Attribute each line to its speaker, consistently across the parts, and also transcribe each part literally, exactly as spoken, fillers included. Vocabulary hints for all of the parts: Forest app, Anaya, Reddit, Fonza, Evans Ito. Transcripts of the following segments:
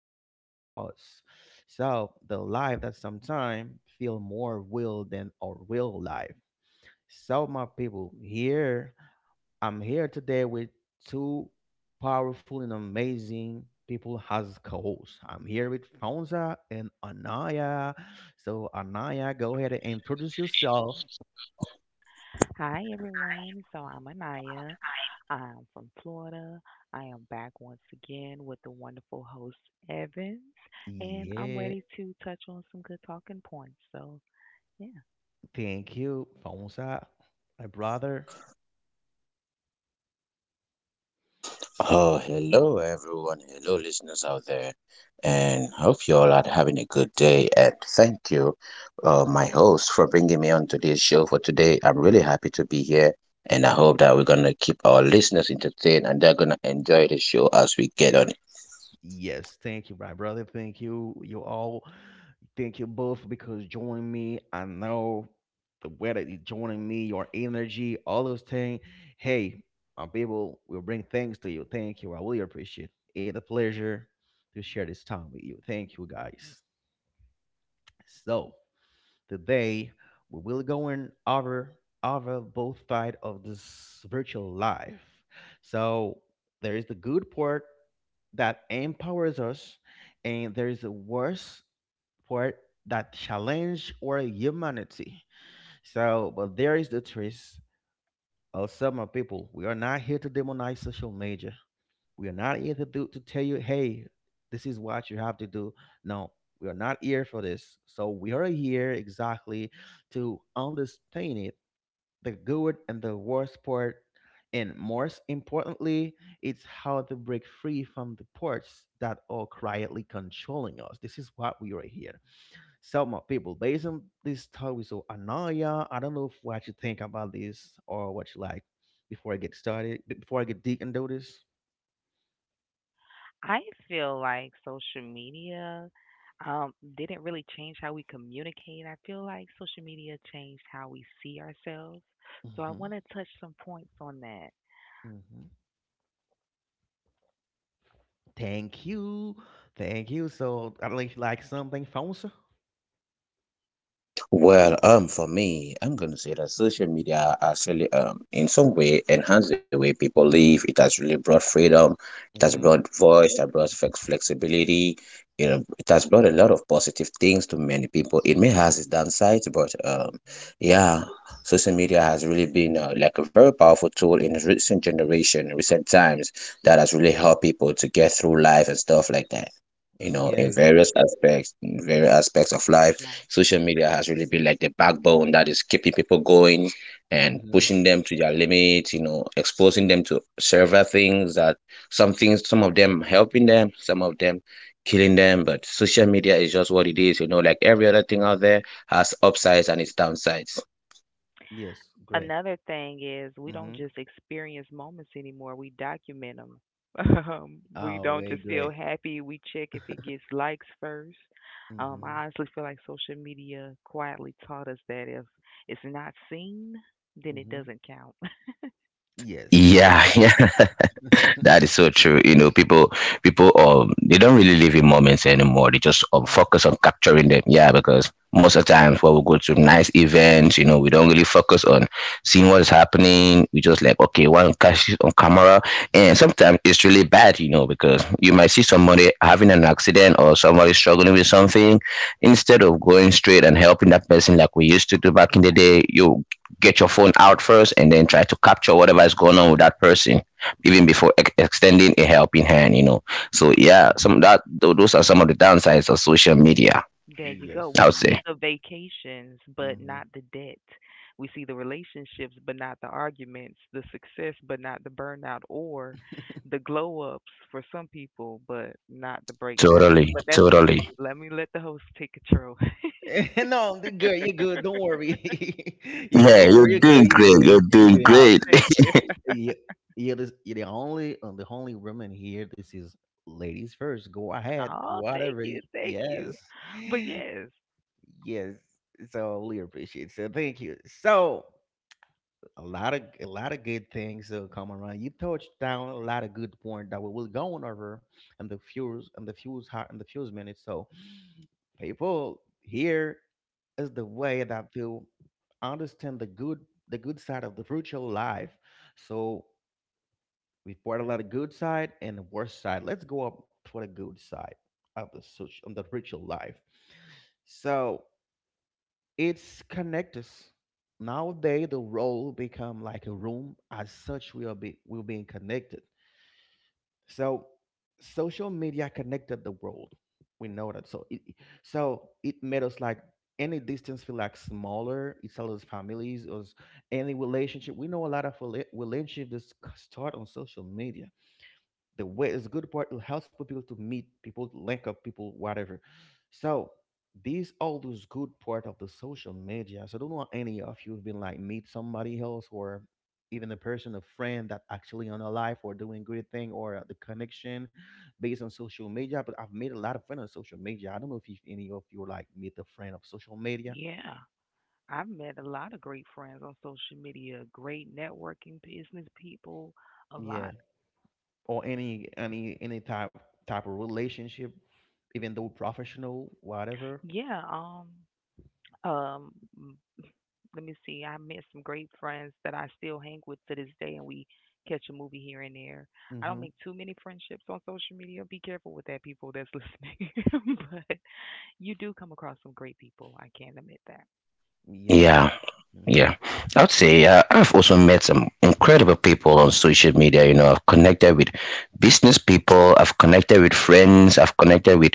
Speaker 1: created for us. So the life that sometimes feel more real than our real life. So my people, here I'm here today with two powerful and amazing people as co-hosts. I'm here with Fonza and Anaya. So Anaya, go ahead and introduce yourself.
Speaker 2: Hi everyone. So I'm Anaya. I'm from Florida. I am back once again with the wonderful host Evans, and I'm
Speaker 1: Yeah,
Speaker 2: ready to touch on some good talking points. So yeah,
Speaker 1: thank you, Fonza, my brother.
Speaker 3: Oh, hello everyone. Hello listeners out there. And hope you all are having a good day. And thank you, uh, my host, for bringing me on to this show for today. I'm really happy to be here. And I hope that we're going to keep our listeners entertained and they're going to enjoy the show as we get on.
Speaker 1: Yes, thank you, my brother. Thank you, you all. Thank you both because joining me. I know the way that you joining me, your energy, all those things. Hey, my people, we'll bring things to you. Thank you. I really appreciate it. It's a pleasure to share this time with you. Thank you, guys. So, today, we will go in over over both side of this virtual life. So there is the good part that empowers us, and there is a worse part that challenge our humanity. So, but there is the truth. Also, my people, we are not here to demonize social media. We are not here to do to tell you, hey, this is what you have to do. No, we are not here for this. So we are here exactly to understand it, the good and the worst part, and most importantly, it's how to break free from the parts that are quietly controlling us. This is what we are here. So my people, based on this talk we saw Anaya, I don't know if what you think about this or what you like before I get started, before I get deep into this.
Speaker 2: I feel like social media um, didn't really change how we communicate. I feel like social media changed how we see ourselves. So I
Speaker 1: Hmm.
Speaker 2: want to touch some points on that.
Speaker 1: Hmm. Thank you. Thank you. So, I like like something fancy.
Speaker 3: Well, um, for me, I'm going to say that social media actually, um, in some way, enhanced the way people live. It has really brought freedom. It has
Speaker 1: Mm-hmm.
Speaker 3: brought voice. It has brought flex flexibility. You know, it has brought a lot of positive things to many people. It may has its downsides, but um,
Speaker 2: hmm
Speaker 3: yeah, social media has really been uh, like a very powerful tool in recent generation, recent times that has really helped people to get through life and stuff like that. You know,
Speaker 1: Yeah.
Speaker 3: in various aspects, in various aspects of life
Speaker 2: Right.
Speaker 3: social media has really been like the backbone that is keeping people going and
Speaker 1: Mm-hmm.
Speaker 3: pushing them to their limits, you know, exposing them to several things that some things, some of them helping them, some of them killing them. But social media is just what it is, you know, like every other thing out there has upsides and its downsides.
Speaker 1: Yes. Great.
Speaker 2: Another thing is we
Speaker 1: Mm-hmm.
Speaker 2: don't just experience moments anymore, we document them. Um, we
Speaker 1: Oh,
Speaker 2: don't
Speaker 1: way
Speaker 2: just feel
Speaker 1: great.
Speaker 2: happy, we check if it gets likes first. Um,
Speaker 1: Mm-hmm.
Speaker 2: I honestly feel like social media quietly taught us that if it's not seen, then it
Speaker 1: Mm-hmm.
Speaker 2: doesn't count.
Speaker 1: Yes. Thank
Speaker 3: Yeah,
Speaker 1: you.
Speaker 3: yeah, that is so true. You know, people, people, um, they don't really live in moments anymore. They just um,
Speaker 2: Right.
Speaker 3: focus on capturing them. Yeah, because most of the times when we go to nice events, you know, we don't really focus on seeing what is happening. We just like, okay, want to catch it on camera, and sometimes it's really bad, you know, because you might see somebody having an accident or somebody struggling with something, instead of going straight and helping that person like we used to do back in the day. You get your phone out first and then try to capture whatever is going on with that person even before ex- extending a helping hand you know So yeah, some
Speaker 1: Mm-hmm.
Speaker 3: that tho- those are some of the downsides of social media.
Speaker 2: There you go.
Speaker 1: Yes.
Speaker 3: I
Speaker 2: We
Speaker 3: would
Speaker 1: Yeah.
Speaker 3: say
Speaker 2: see the vacations, but
Speaker 1: Mm-hmm.
Speaker 2: not the debt. We see the relationships, but not the arguments, the success, but not the burnout, or the glow ups for some people, but not the breakdown.
Speaker 3: totally,
Speaker 2: But that's just
Speaker 3: totally.
Speaker 2: me. Let me let the host take control.
Speaker 1: No, the good. You're good. Don't worry. You
Speaker 3: Yeah,
Speaker 1: don't
Speaker 3: you're
Speaker 1: worry. You're
Speaker 3: doing
Speaker 1: good. You're
Speaker 3: great.
Speaker 1: good.
Speaker 3: You're
Speaker 1: You're
Speaker 3: doing
Speaker 1: doing
Speaker 2: Oh,
Speaker 3: great.
Speaker 2: thank you.
Speaker 1: yeah, yeah, this, yeah, the only uh, the only woman here. This is ladies first. Go ahead,
Speaker 2: Oh, thank
Speaker 1: whatever. y-
Speaker 2: you. Thank
Speaker 1: Yes,
Speaker 2: you. But yes,
Speaker 1: yes. So I really appreciate. So thank you. So a lot of a lot of good things uh, come around. You touched down a lot of good point that we will go on over and the fuse and the fuse hot and the fuse minutes. So people here is the way that to understand the good the good side of the virtual life. So we've brought a lot of good side and the worst side. Let's go up for the good side of the social, of the ritual life. So it's connect us. Nowadays, the role become like a room. As such, we are be we're being connected. So social media connected the world. We know that. So it it- so it made us like any distance feel like smaller. It tells us families or any relationship. We know a lot of rela- relationships start on social media, the way is good part. It helps people to meet people, to link up people, whatever. So these all those good part of the social media. So I don't know any of you have been like meet somebody else, or even a person, a friend that actually on a life or doing great thing, or the connection based on social media. But I've made a lot of friends on social media. I don't know if you, any of you like meet a friend of social media.
Speaker 2: yeah. I've met a lot of great friends on social media, great networking business people, a
Speaker 1: Yeah.
Speaker 2: lot.
Speaker 1: Or any any any type type of relationship, even though professional, whatever.
Speaker 2: Yeah, um, um let me see. I met some great friends that I still hang with to this day, and we catch a movie here and there. I don't
Speaker 1: Mm-hmm.
Speaker 2: make too many friendships on social media. Be careful with that, people that's listening. But you do come across some great people. I can't admit that.
Speaker 1: Yes.
Speaker 3: Yeah,
Speaker 1: Mhm.
Speaker 3: yeah, I would say uh, I've also met some incredible people on social media. You know, I've connected with business people, I've connected with friends, I've connected with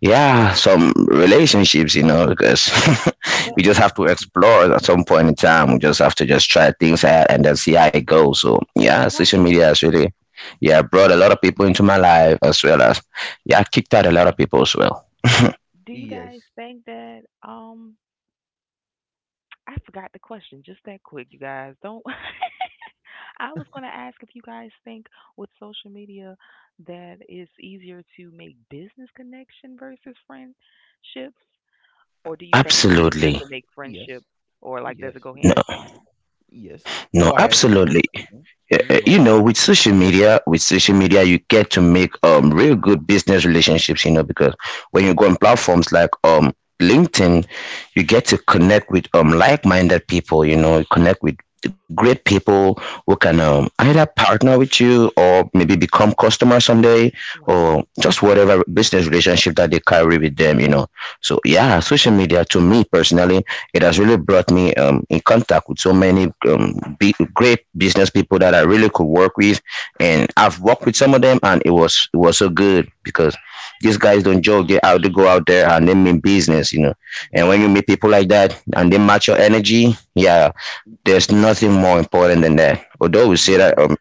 Speaker 3: yeah some relationships, you know, because
Speaker 1: Mhm.
Speaker 2: But
Speaker 3: we just have to explore at some point in time. We just have to just try things out and then see how it goes. So yeah, social
Speaker 2: right,
Speaker 3: media has really yeah brought a lot of people into my life as well as yeah kicked out a lot of people as well.
Speaker 2: do you guys
Speaker 1: Yes.
Speaker 2: think that? Um, I forgot the question just that quick. You guys don't. I was going to ask if you guys think with social media that it's easier to make business connection versus friendships.
Speaker 1: Uh,
Speaker 2: Or do you think it's easier
Speaker 3: Absolutely.
Speaker 2: to make friendships
Speaker 1: yes.
Speaker 2: or, like, does it
Speaker 1: Yes.
Speaker 2: go hand in hand?
Speaker 1: Yes.
Speaker 3: No,
Speaker 1: Go ahead. Both.
Speaker 3: absolutely.
Speaker 1: Mhm.
Speaker 3: Uh, uh,
Speaker 1: Mhm. Go
Speaker 3: You
Speaker 1: ahead.
Speaker 3: know, with social media, with social media, you get to make um real good business relationships. You know, because when you go on platforms like um LinkedIn, you get to connect with um like-minded people. You know, you connect with great people who can um, either partner with you or maybe become customer someday
Speaker 2: Right,
Speaker 3: or just whatever business relationship that they carry with them. You know, so yeah, social media to me personally it has really brought me um, in contact with so many um, big, great business people that I really
Speaker 2: right.
Speaker 3: could work with,
Speaker 1: Mhm.
Speaker 3: and I've worked with some of them, and it was it was so good because these guys don't joke. They out they go out there and they mean business, you know. And when
Speaker 2: Yes,
Speaker 3: you meet people like that and they match your energy, yeah, there's nothing more important than that. Although
Speaker 1: It's
Speaker 3: we
Speaker 1: a
Speaker 3: say
Speaker 1: ding
Speaker 3: that
Speaker 1: dong.
Speaker 3: um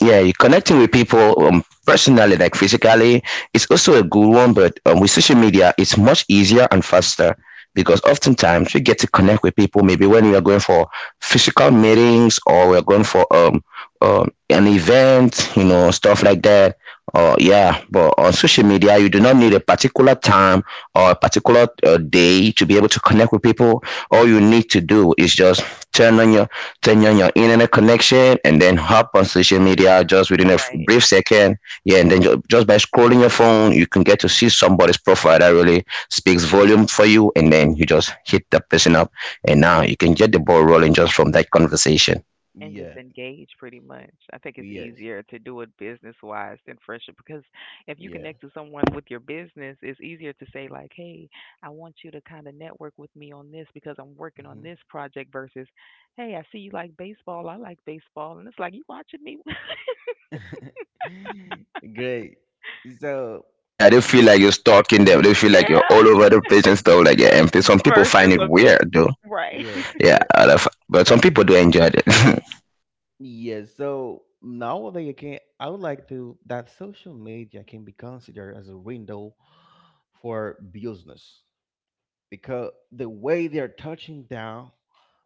Speaker 3: yeah you connecting with people um, personally like physically is also a good one, but um, with social media it's much easier and faster because oftentimes we get to connect with people maybe when we are going for physical meetings or we're going for um, um an event, you know, stuff like that, or yeah but on social media you do not need a particular time or a particular uh, day to be able to connect with people. All you need to do is just turn on your turn on your internet connection and then hop on social media just within a f-
Speaker 2: right,
Speaker 3: brief second. Yeah, and then ju- just by scrolling your phone, you can get to
Speaker 1: Mhm.
Speaker 3: see somebody's profile that really speaks volume for you. And then you just hit the person up, and now you can get the ball rolling just from that conversation.
Speaker 2: and just
Speaker 1: Yeah.
Speaker 2: engage pretty much. I think it's
Speaker 1: Yes.
Speaker 2: easier to do it business-wise than friendship because if you
Speaker 1: Yeah.
Speaker 2: connect to someone with your business, it's easier to say like, "Hey, I want you to kinda network with me on this because I'm working on
Speaker 1: Hmm.
Speaker 2: this project," versus, "Hey, I see you like baseball. I like baseball." And it's like, "You watching me?"
Speaker 1: Great. So,
Speaker 3: Yeah, they feel
Speaker 1: but-
Speaker 3: like you're stalking them. They
Speaker 1: mhm.
Speaker 3: feel like you're all
Speaker 2: Yeah,
Speaker 3: over the place and stuff like that. And pe- some people find
Speaker 2: versus
Speaker 3: it
Speaker 2: a
Speaker 3: weird,
Speaker 2: business.
Speaker 3: though.
Speaker 2: Right.
Speaker 1: Yes.
Speaker 3: Yeah,
Speaker 1: Right.
Speaker 3: I love- but
Speaker 1: So,
Speaker 3: some people do enjoy it.
Speaker 1: yes. So nowadays, I can I would like to that social media can be considered as a window for business, because the way they're touching down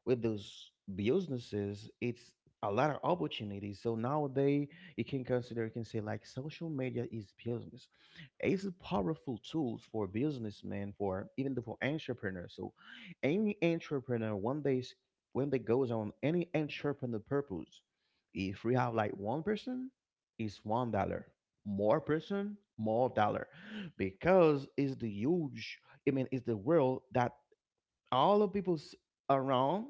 Speaker 1: with those businesses, it's a lot of opportunities. So nowadays, you can consider, you can say like social media is business. It's a powerful tools for businessmen, for even the for entrepreneurs. So any entrepreneur one day s- when they goes on any entrepreneur purpose, if we have like one person, it's one dollar. More person, more dollar, because it's the huge. I mean, it's the world that all the people around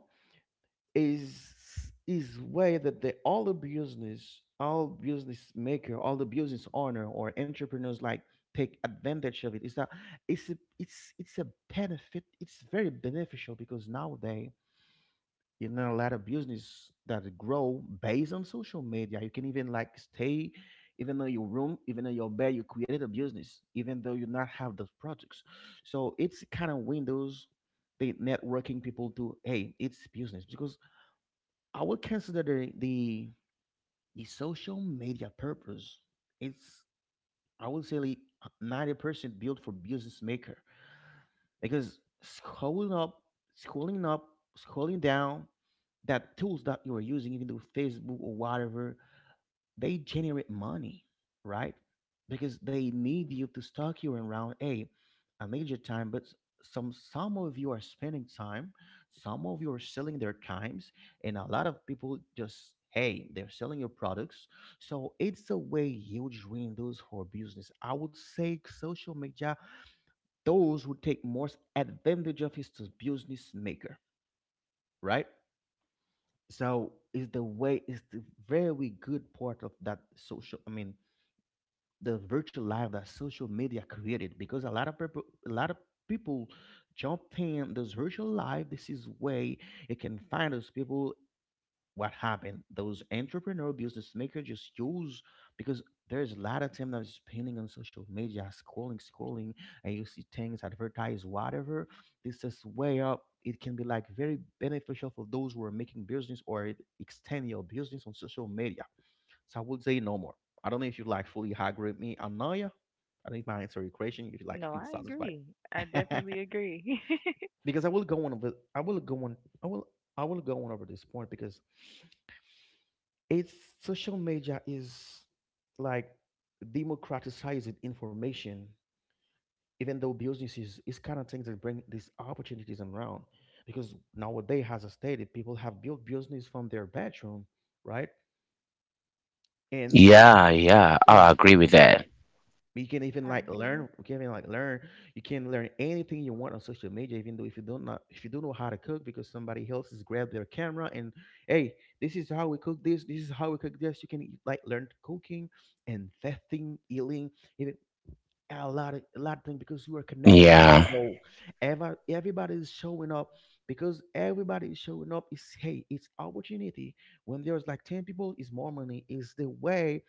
Speaker 1: is is way that the all the business, all business maker, all the business owner or entrepreneurs like take advantage of it, is that it's a, it's it's a benefit, it's very beneficial, because nowadays you know a lot of business that grow based on social media. You can even like stay even though your room, even in your bed, you created a business even though you not have those products. So it's kind of windows, the networking people do. Hey, it's business. Because I would consider the the, the social media purpose, it's I would say like ninety percent built for business maker, because scrolling up, scrolling up, scrolling down, that tools that you are using, even though Facebook or whatever, they generate money, right? Because they need you to stock you around. Hey, I need your time, but s- some some of you are spending time, some of you are selling their times, and a lot of people just hey, they're selling your products. So it's a way huge windows for business. I would say social media, those who take most advantage of is the business maker, right? So is the way is the very good part of that social. I mean, the virtual life that social media created, because a lot of people, a lot of people jump in this virtual life. This is way you can find those people, what happened, those entrepreneur business maker just use, because there's a lot of time that is spending on social media, scrolling, scrolling and you see things advertise whatever. This is way up it can be like very beneficial for those who are making business or extend your business on social media. So I would say no more. I don't know if you like fully agree with me, Anaya. I don't know if I answer your question. If you like
Speaker 2: No,
Speaker 1: feel
Speaker 2: I
Speaker 1: satisfied,
Speaker 2: agree. I definitely agree.
Speaker 1: because I will go on. Over, I will go on. I will. I will go on over this point, because it's social media is like democratizing information, even though businesses is kind of things that bring these opportunities around, because nowadays as I stated, people have built business from their bedroom, right? And
Speaker 3: Yeah, yeah,
Speaker 1: yeah,
Speaker 3: I agree with that.
Speaker 1: you can even
Speaker 2: I
Speaker 1: like learn,
Speaker 2: agree.
Speaker 1: you can even like learn you can learn anything you want on social media, even though if you don't know, if you don't know how to cook, because somebody else has grabbed their camera and hey, this is how we cook this this is how we cook this You can like learn cooking and fasting eating, even a lot of a lot of things, because you are connected to the
Speaker 3: Yeah.
Speaker 1: role. Ever everybody is showing up. Because everybody is showing up. Is hey, it's opportunity. When there's like ten people, is more money. Is the way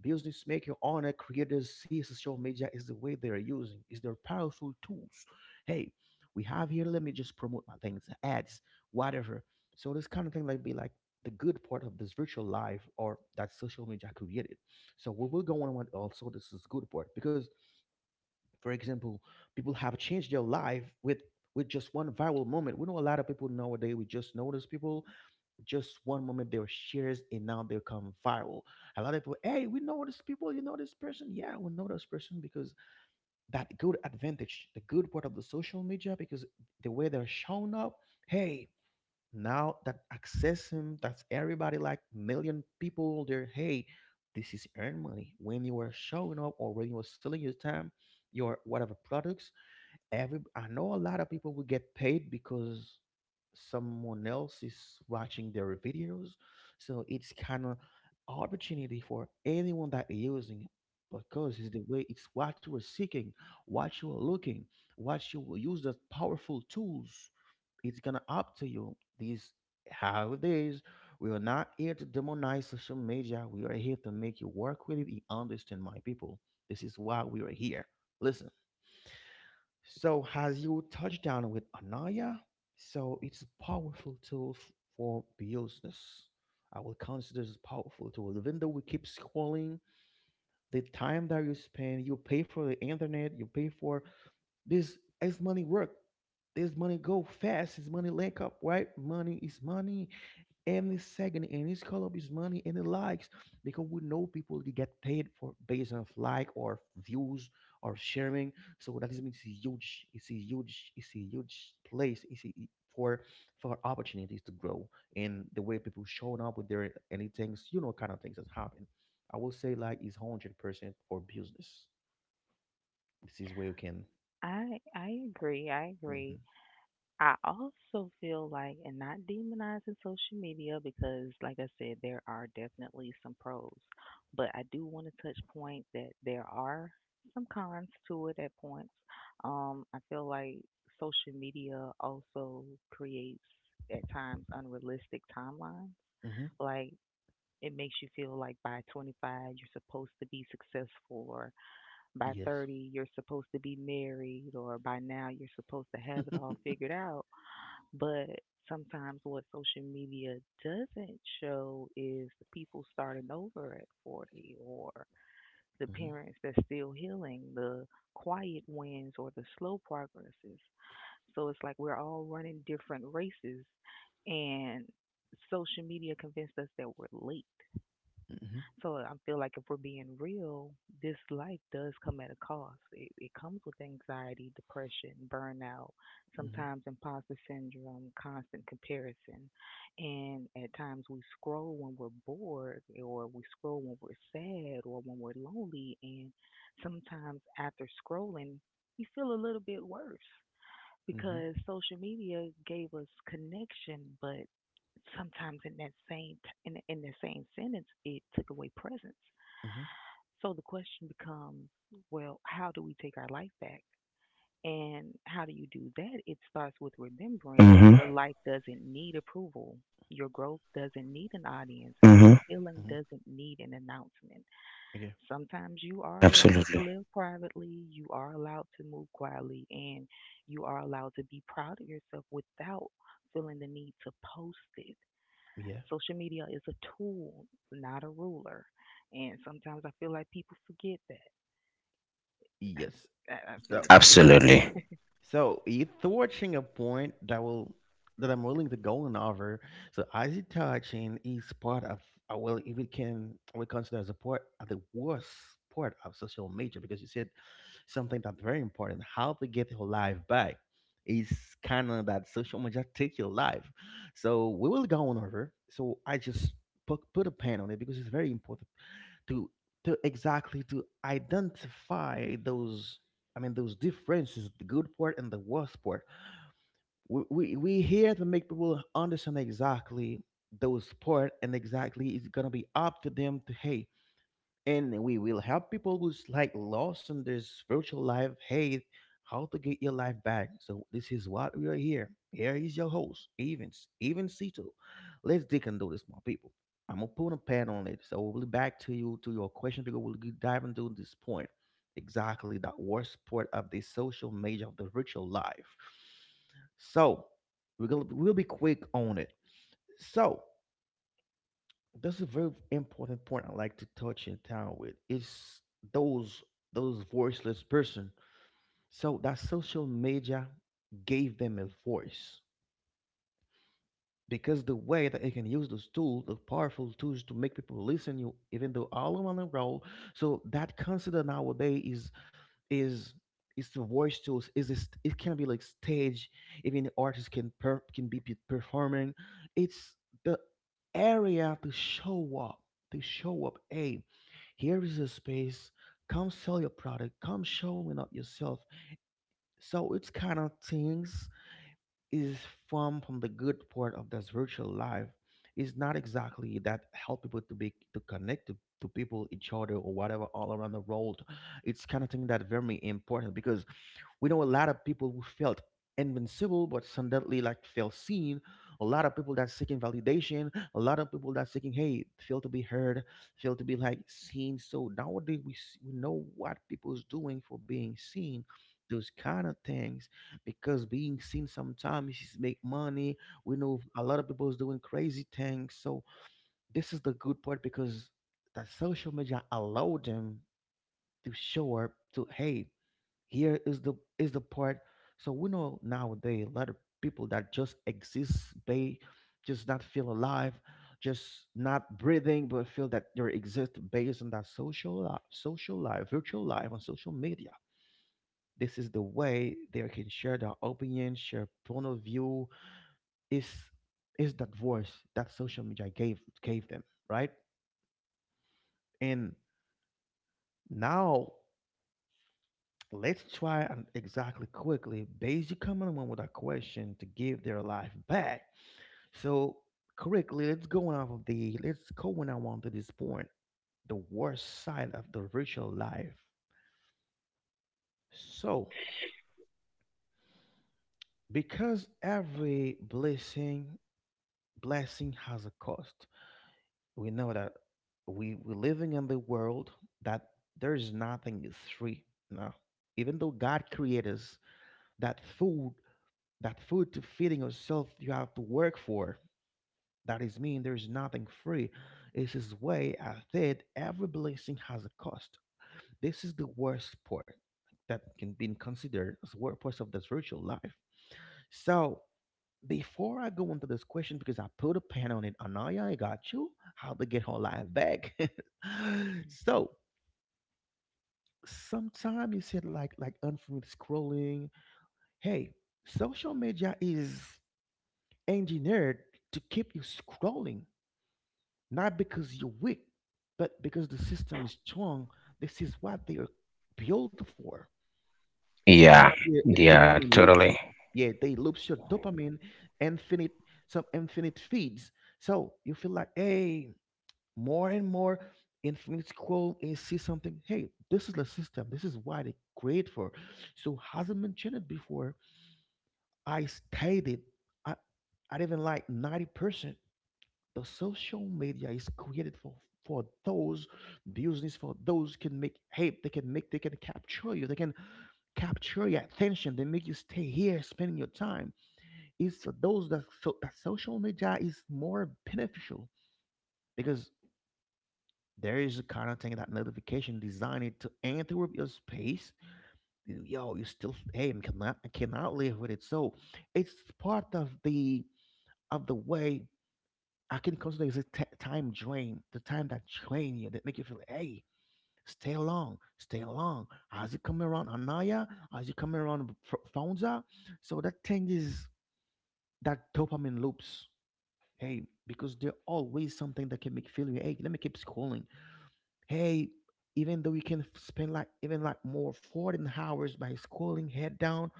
Speaker 1: business maker, owner, creators see social media is the way they are using. Is their powerful tools. Hey, we have here. Let me just promote my things, ads, whatever. So this kind of thing like be like the good part of this virtual life or that social media created. So we will go on with also this is good part, because for example, people have changed their life with with just one viral moment. We know a lot of people nowadays. We just notice people just one moment they were shares and now they come viral. A lot of people, hey, we know this people. You know this person? Yeah, we know this person, because that good advantage, the good part of the social media, because the way they're shown up. Hey, now that access him, that's everybody like million people. They're hey, this is earn money when you are showing up or when you are selling your time, your whatever products, every I know a lot of people will get paid because someone else is watching their videos. So it's kind of opportunity for anyone that is using it, because it's the way it's what you are seeking, what you are looking, what you will use the powerful tools. It's gonna up to you. These nowadays we are not here to demonize social media. We are here to make you work with it and understand my people. This is why we are here. Listen. So, as you touched down with Anaya, so it's a powerful tool f- for business. I will consider this a powerful tool. Even though we keep scrolling, the time that you spend, you pay for the internet, you pay for this is money work. This money go fast. This money link up, right? Money is money any second any it's call up his money any likes because we know people they get paid for based on like or views or sharing, so that is means it's huge, it's a huge it's a huge place, it's a, e, for for opportunities to grow, and the way people showing up with their anything's you know kind of things that happen. I will say like it's one hundred percent for business. This is where you can.
Speaker 2: I I agree. I
Speaker 1: Mm-hmm.
Speaker 2: agree. I also feel like, and not demonizing social media because, like I said, there are definitely some pros, but I do want to touch point that there are some cons to it at points. Um, I feel like social media also creates at times unrealistic timelines.
Speaker 1: Mm-hmm.
Speaker 2: Like it makes you feel like by twenty-five you're supposed to be successful or by
Speaker 1: Yes.
Speaker 2: thirty you're supposed to be married or by now you're supposed to have it all
Speaker 1: Mm-hmm.
Speaker 2: figured out, but sometimes what social media doesn't show is the people starting over at forty, or the parents that's still healing, the quiet wins or the slow progresses. So it's like we're all running different races, and social media convinced us that we're late.
Speaker 1: Mm-hmm.
Speaker 2: So I feel like if we're being real, this life does come at a cost. It, it comes with anxiety, depression, burnout,
Speaker 1: Mm-hmm.
Speaker 2: sometimes imposter syndrome, constant comparison. And at times we scroll when we're bored, or we scroll when we're sad, or when we're lonely. And sometimes after scrolling, you feel a little bit worse
Speaker 1: Mm-hmm.
Speaker 2: because social media gave us connection, but sometimes in that same in in the same sentence, it took away presence.
Speaker 1: Mm-hmm.
Speaker 2: So the question becomes, well, how do we take our life back? And how do you do that? It starts with remembering that
Speaker 3: Mhm.
Speaker 2: your life doesn't need approval. Your growth doesn't
Speaker 3: Mhm.
Speaker 2: need an audience and your healing
Speaker 1: Mm-hmm.
Speaker 2: doesn't need an announcement.
Speaker 1: Yeah.
Speaker 2: Sometimes you are allowed to
Speaker 3: Absolutely.
Speaker 2: live privately, you are allowed to move quietly, and you are allowed to be proud of yourself without feeling the need to post it.
Speaker 1: Yeah.
Speaker 2: Social media is a tool, not a ruler. And sometimes I feel like people forget that. I,
Speaker 1: Yes.
Speaker 2: I I feel
Speaker 1: So,
Speaker 2: like you forget it.
Speaker 3: Absolutely.
Speaker 1: so you touching a point that will that I'm willing to go on over. So, icy touching is part of, I will, if it can we consider as a part of the worst part of social media, because you said something that's very important. How to get your life back is kind of that social media take your life. So we will go on over. So I just put put a pen on it because it's very important to to exactly to identify those, I mean, those differences, the good part and the worst part. we we, we here to make people understand exactly those part, and exactly it's gonna be up to them to hey, and we will help people who's like lost in their spiritual life, hey, how to get your life back. So this is what we are here. Here is your host, evans Evans Cito. Let's dig into this, my people. I'm gonna put a pen on it, so we'll be back to you, to your question, to go we'll get- dive into this point, exactly that worst part of the social media, of the virtual life. So we're gonna we'll be quick on it. So that's a very important point I like to touch in town with. It's those those voiceless person. So that social media gave them a voice, because the way that they can use those tools, the powerful tools, to make people listen you, even though all around the world. So that consider nowadays is, is is the voice tools, is this, it can be like stage, even artists can per, can be pe- performing. It's the area to show up, to show up hey, here is a space, come sell your product, come showing up yourself. So it's kind of things, is, from from the good part of this virtual life, is not exactly that help people to be to connect to, to people each other or whatever all around the world. It's kind of thing that very important because we know a lot of people who felt invincible but suddenly like felt seen, a lot of people that seeking validation, a lot of people that seeking hey feel to be heard, feel to be like seen. So nowadays we, s- we know what people's doing for being seen, those kind of things, because being seen sometimes is make money. We know a lot of people's doing crazy things. So this is the good part because that social media allowed them to show up to hey, here is the is the part. So we know nowadays a lot of people that just exist, they just not feel alive, just not breathing, but feel that they exist based on that social life, social life virtual life on social media. This is the way they can share their opinion, share point of view, is is that voice that social media gave gave them, right? And now, let's try and exactly quickly. Basically, coming on with a question to give their life back. So, correctly, let's go on of the let's go on on to this point. The worst side of the virtual life. So, because every blessing blessing has a cost. We know that we we're living in the world that there's nothing is free. No, even though God created us, that food, that food to feeding yourself you have to work for. That is mean there is nothing free. It's his way I said every blessing has a cost. This is the worst part that can be considered as the worst part of this virtual life. So before I go into this question, because I put a pen on it, Anaya, I got you. How to get her life back. So sometimes you said like like unfamiliar scrolling. Hey, social media is engineered to keep you scrolling, not because you're weak, but because the system is strong. This is what they are built for. It's kind
Speaker 3: Yeah.
Speaker 1: of, yeah, it
Speaker 3: Yeah,
Speaker 1: dopamine
Speaker 3: totally.
Speaker 1: loops. Yeah, they loops your dopamine, infinite, some infinite feeds. So you feel like, hey, more and more infinite scroll and see something. Hey, this is the system. This is why they create for. So hasn't mentioned it before. I stated, I I even like ninety percent. The social media is created for, for those business, for those can make hype, they can make, they can capture you, they can capture your attention, they make you stay here spending your time. It's for those that, so that social media is more beneficial because there is a kind of thing that notification designed to interrupt your space. Yo, you still hey, I cannot I cannot live with it. So it's part of the, of the way I can consider it as a t- time drain, the time that drain you, that make you feel, hey, stay long, stay long. As you come around Anaya, as you come around F- Fonza, so that thing is that dopamine loops. Hey, because there always something that can make feel you, hey, let me keep scrolling. Hey, even though you can f- spend like even like more fourteen hours by scrolling head down,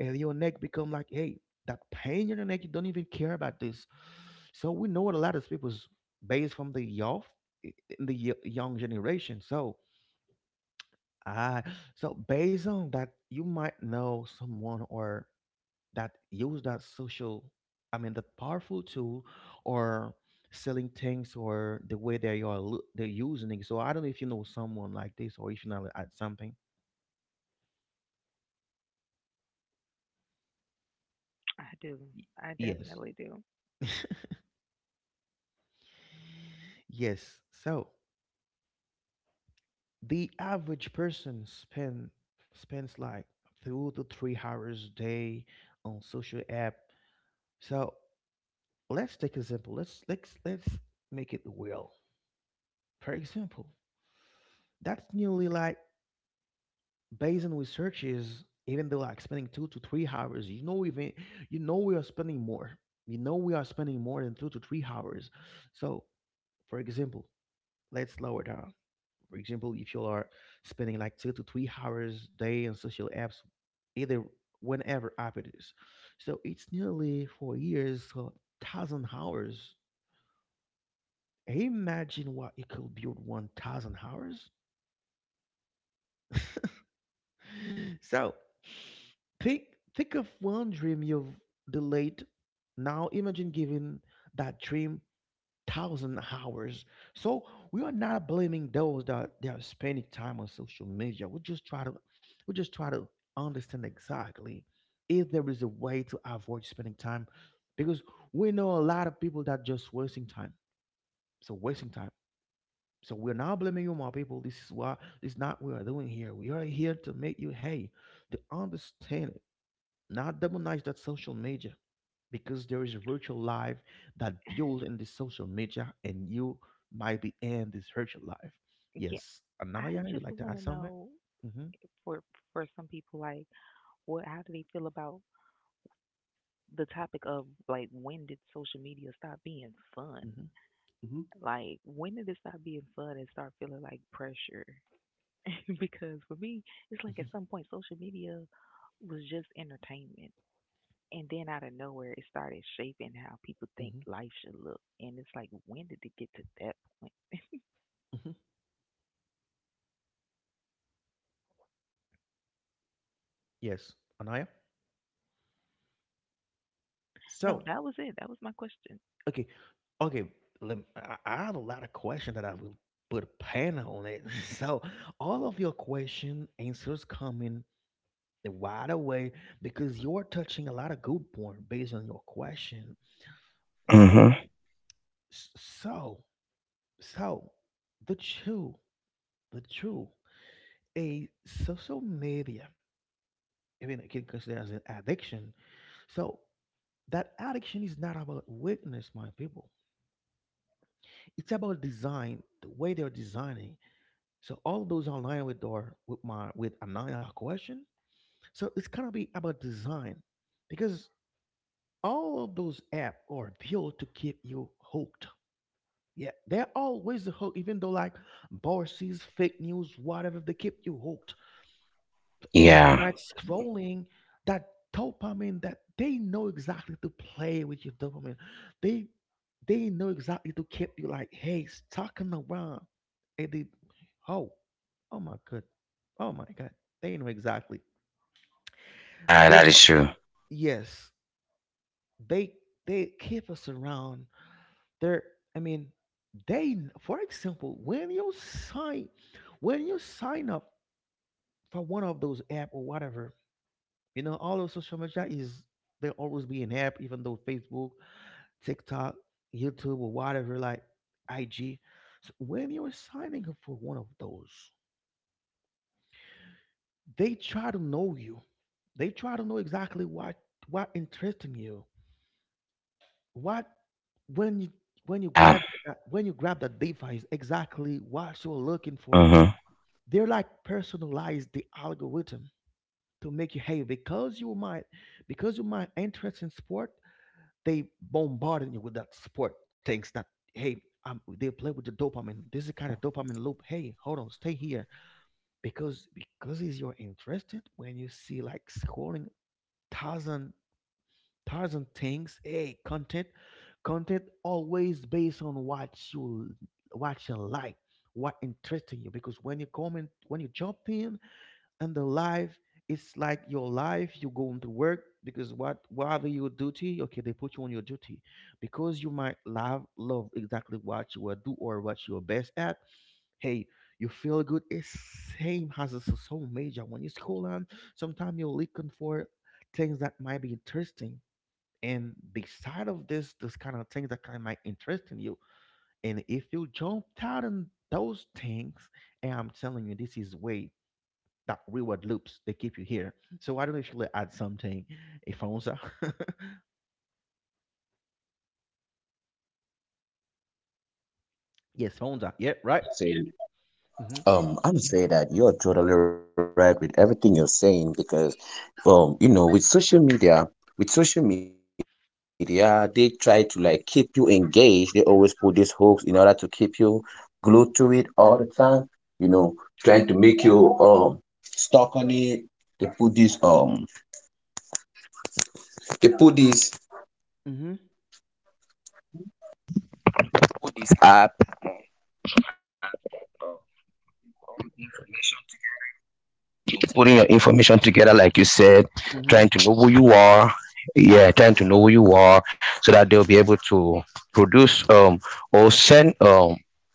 Speaker 1: and your neck become like, hey, that pain in your neck, you don't even care about this. So we know a lot of people's based from the youth, in the y- young generation. So I, so based on that, you might know someone or that use that social, I mean, that powerful tool, or selling things or the way they are lo- they're using it. So I don't know if you know someone like this or if you know at something.
Speaker 2: I do.
Speaker 1: Y-
Speaker 2: I
Speaker 1: Yes,
Speaker 2: definitely do.
Speaker 1: yes. So. The average person spend spends like two to three hours a day on social app. So let's take example. Let's let's let's make it real. For example, that's nearly like, based on researches, even though like spending two to three hours, you know, even you know we are spending more. You know we are spending more than two to three hours. So for example, let's lower down. For example, if you are spending like two to three hours a day on social apps, either whenever app it is, so it's nearly four years, so thousand hours. Imagine what you could build one thousand hours. So think think of one dream you've delayed. Now imagine giving that dream thousand hours. So we are not blaming those that they are spending time on social media. We just try to we just try to understand exactly if there is a way to avoid spending time because we know a lot of people that just wasting time. So wasting time. So we're not blaming you, my people. This is what this is not what we are doing here. We are here to make you hey to understand, not demonize that social media, because there is a virtual life that build in this social media and you might be in this virtual life.
Speaker 2: Yeah,
Speaker 1: Yes.
Speaker 2: I
Speaker 1: Anaya, you
Speaker 2: just
Speaker 1: would like to
Speaker 2: want to
Speaker 1: add something?
Speaker 2: know
Speaker 1: Mm-hmm.
Speaker 2: for for some people, like, what? How do they feel about the topic of like when did social media stop being fun?
Speaker 1: Mm-hmm. Hmm.
Speaker 2: Like, when did it stop being fun and start feeling like pressure? Because for me, it's like
Speaker 1: mm
Speaker 2: at
Speaker 1: hmm.
Speaker 2: some point, social media was just entertainment. And then out of nowhere, it started shaping how people think
Speaker 1: Hmm.
Speaker 2: life should look. And it's like, when did it get to that point?
Speaker 1: Hmm. Hmm. Yes. Anaya?
Speaker 2: No,
Speaker 1: So,
Speaker 2: that was it. That was my question.
Speaker 1: okay. Okay. Lem I, I have a lot of questions that I will put a panel on it. So, all of your question answers coming right away because you're touching a lot of good point based on your question, right?
Speaker 3: Mm-hmm.
Speaker 1: S- So, so the true, the true, a social media, I mean, it can consider as an addiction. So that addiction is not about weakness, my people. It's about design, the way they're designing. So all of those online with door, with my with Anaya question. So it's gonna be about design because all of those app are built to keep you hooked. Yeah, they're always hooked, even though like Bourses, fake news, whatever, they keep you hooked.
Speaker 3: Yeah.
Speaker 1: Infinite scrolling, that dopamine that they know exactly to play with your dopamine. They they know exactly to keep you like, hey, stalking around. And they oh, oh my god. Oh my god. They know exactly.
Speaker 3: Yeah, that
Speaker 1: They
Speaker 3: is true.
Speaker 1: yes, they, they keep us around. There, I mean, they. For example, when you sign, when you sign up for one of those app or whatever, you know, all of social media is there always be an app, even though Facebook, TikTok, YouTube, or whatever, like I G. So when you're signing up for one of those, they try to know you. They try to know exactly what what interests in you. What when you when you
Speaker 3: Yeah.
Speaker 1: grab that when you grab that device, exactly what you're looking for.
Speaker 3: Mm-hmm.
Speaker 1: They're like personalize the algorithm to make you, hey, because you might because you might interest in sport. They bombarding you with that sport things that, hey, um, they play with the dopamine. This is kind of dopamine loop, hey, hold on, stay here. Because because is you're interested when you see like scrolling thousand thousand things, hey, content content always based on what you what you like, what interesting you, because when you comment, when you jump in, and the life, it's like your life. You go into work because what whatever your duty, okay, they put you on your duty because you might love love exactly what you will do or what you're best at, hey, you feel good. It's same as a s- so major when you school on. Sometimes you're looking for things that might be interesting, and beside of this this kind of things that kind of might interest in you, and if you jump out on those things, and I'm telling you, this is way that reward loops, they keep you here. So I don't actually add something, a Fonza. Yes, Fonza. Yeah, right.
Speaker 3: Well, I would say,
Speaker 1: Mhm.
Speaker 3: um, I would say that you're totally right with everything you're saying because, um, you know, with social media, with social media, they try to like keep you engaged. They always put these hooks in order to keep you glued to it all the time. You know, trying to make you um stuck on it. They put this um
Speaker 1: Mhm.
Speaker 3: putting your information together, like you said,
Speaker 1: Mhm.
Speaker 3: trying to know who you are. Yeah, trying to know who you are so that they'll be able to produce um, or send um,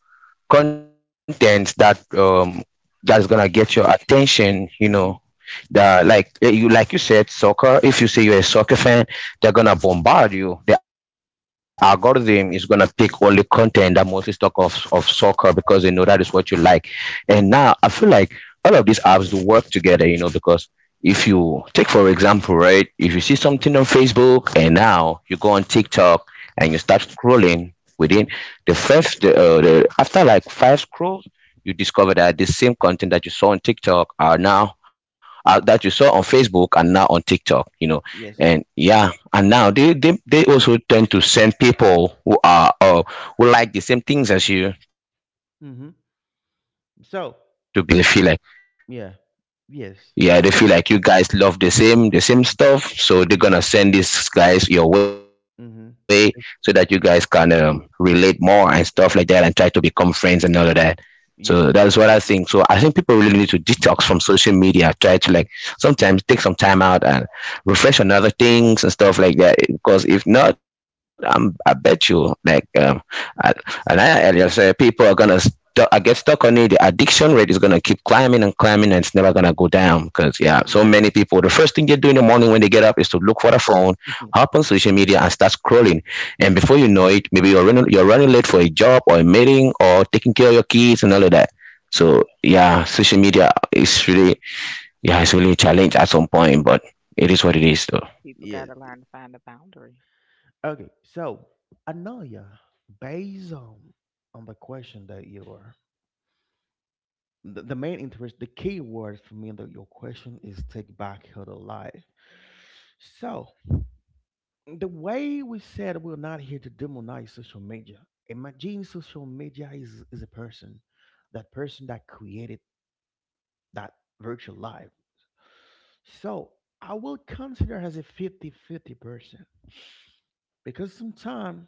Speaker 3: content that um, that's gonna get your attention. You know,
Speaker 1: Mhm.
Speaker 3: the like eh, you like you said, soccer. If you say you're a soccer fan, they're gonna bombard you. The algorithm is gonna pick only content that mostly talk of of soccer because they know that is what you like. And now I feel like all of these apps do work together, you know, because if you take for example, right, if you see something on Facebook and now you go on TikTok and you start scrolling within
Speaker 1: Mhm.
Speaker 3: the first the, uh, the after like five scrolls, you discover that the same content that you saw on TikTok are now uh, that you saw on Facebook and now on TikTok, you know,
Speaker 1: Yes.
Speaker 3: and yeah, and now they they, they also tend to send people who are uh, who like the same things as you to
Speaker 1: Mhm.
Speaker 3: become. Uh, They will be uh, they will
Speaker 1: So
Speaker 3: suggest them to become your friends, you
Speaker 1: yeah.
Speaker 3: know, because they
Speaker 1: Yes.
Speaker 3: feel like yeah they feel like you guys love the same the same stuff,
Speaker 1: Mhm.
Speaker 3: so they're gonna send these guys your
Speaker 1: Mhm.
Speaker 3: way so that
Speaker 1: It's-
Speaker 3: you guys can um, relate more and stuff like that and try to become friends and all of that.
Speaker 1: Yeah.
Speaker 3: So that's what I think. So I think people really need to detox from social media. Try to like sometimes take some time out and refresh on other things and stuff like that. Because if not, I'm, I bet you like um, I, and I, earlier said people are gonna stu- I get stuck on it. The addiction rate is gonna keep climbing and climbing, and it's never gonna go down. Because yeah, so
Speaker 1: Yeah.
Speaker 2: Nonsense.
Speaker 3: many people. The first thing they do in the morning when they get up is to look for the phone
Speaker 1: Mhm.
Speaker 3: hop on social media and start scrolling. And before you know it, maybe you're running you're running late for a job or a meeting or taking care of your kids and all of that.
Speaker 1: Yeah.
Speaker 3: So yeah, social media is really yeah, it's really a challenge at some point, but it is what it is though.
Speaker 2: People got
Speaker 1: Yeah.
Speaker 2: to learn to find a boundary.
Speaker 1: Okay. So Anaya, based on on the question that you are. The, the main interest, the key word for me in the, your question is take back your life. So, the way we said, we're not here to demonize social media. Imagine social media is, is a person, that person that created that virtual life. So I will consider as a fifty-fifty person because sometimes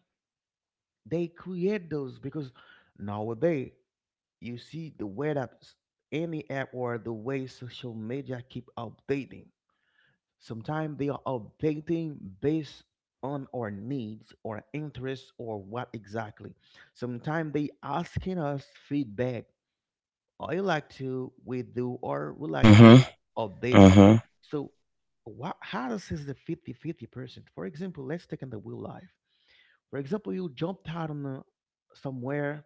Speaker 1: they create those, because nowadays you see the way that s- any app or the way social media keep updating. Sometimes they are updating based on our needs or interests or what exactly. Sometimes they asking us feedback. I like to we do or we like to
Speaker 3: Mm-hmm.
Speaker 1: update it.
Speaker 3: Mm-hmm.
Speaker 1: So what how does is the fifty-fifty fifty percent? For example, let's take in the real life. For example, you jumped out on a, somewhere,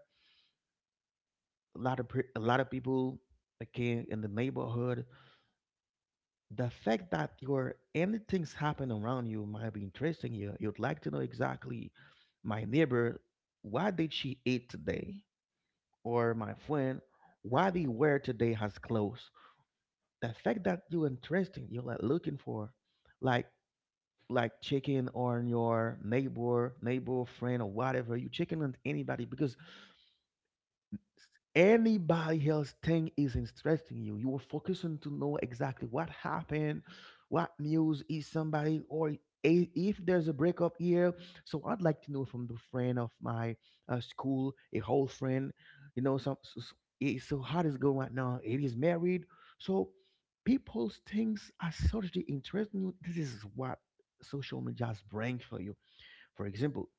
Speaker 1: a lot of per- a lot of people like in in the neighborhood, the fact that your anything's happen around you might be interesting you. You'd like to know exactly my neighbor, why did she eat today? Or my friend, why they wear today has clothes. The fact that you're interesting, you're like looking for like like checking on your neighbor, neighbor, friend or whatever. You checking on anybody because anybody else thing is interesting you you are focusing to know exactly what happened, what news is somebody, or i- if there's a breakup here. So I'd like to know from the friend of my uh, school a whole friend, you know some so, so eh, so how does it go right now? It is married. So people's things are sort of interesting you. This is what social media brings for you. For example,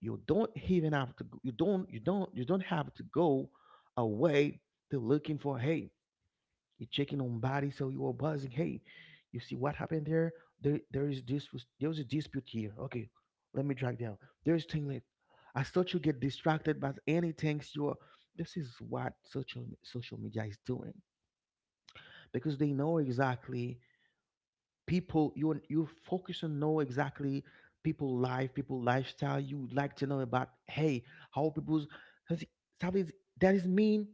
Speaker 1: you don't even have to go- you don't you don't you don't have to go away to looking for, hey, you're checking on body. So you are buzzing, hey, you see what happened there. There there is this, there was a dispute here, okay, let me drag down. There's thing like, I thought you get distracted by anything you are. This is what social social media is doing because they know exactly people, you you focus on, know exactly people life, people lifestyle, you like to know about, hey, how people's has- that is that is mean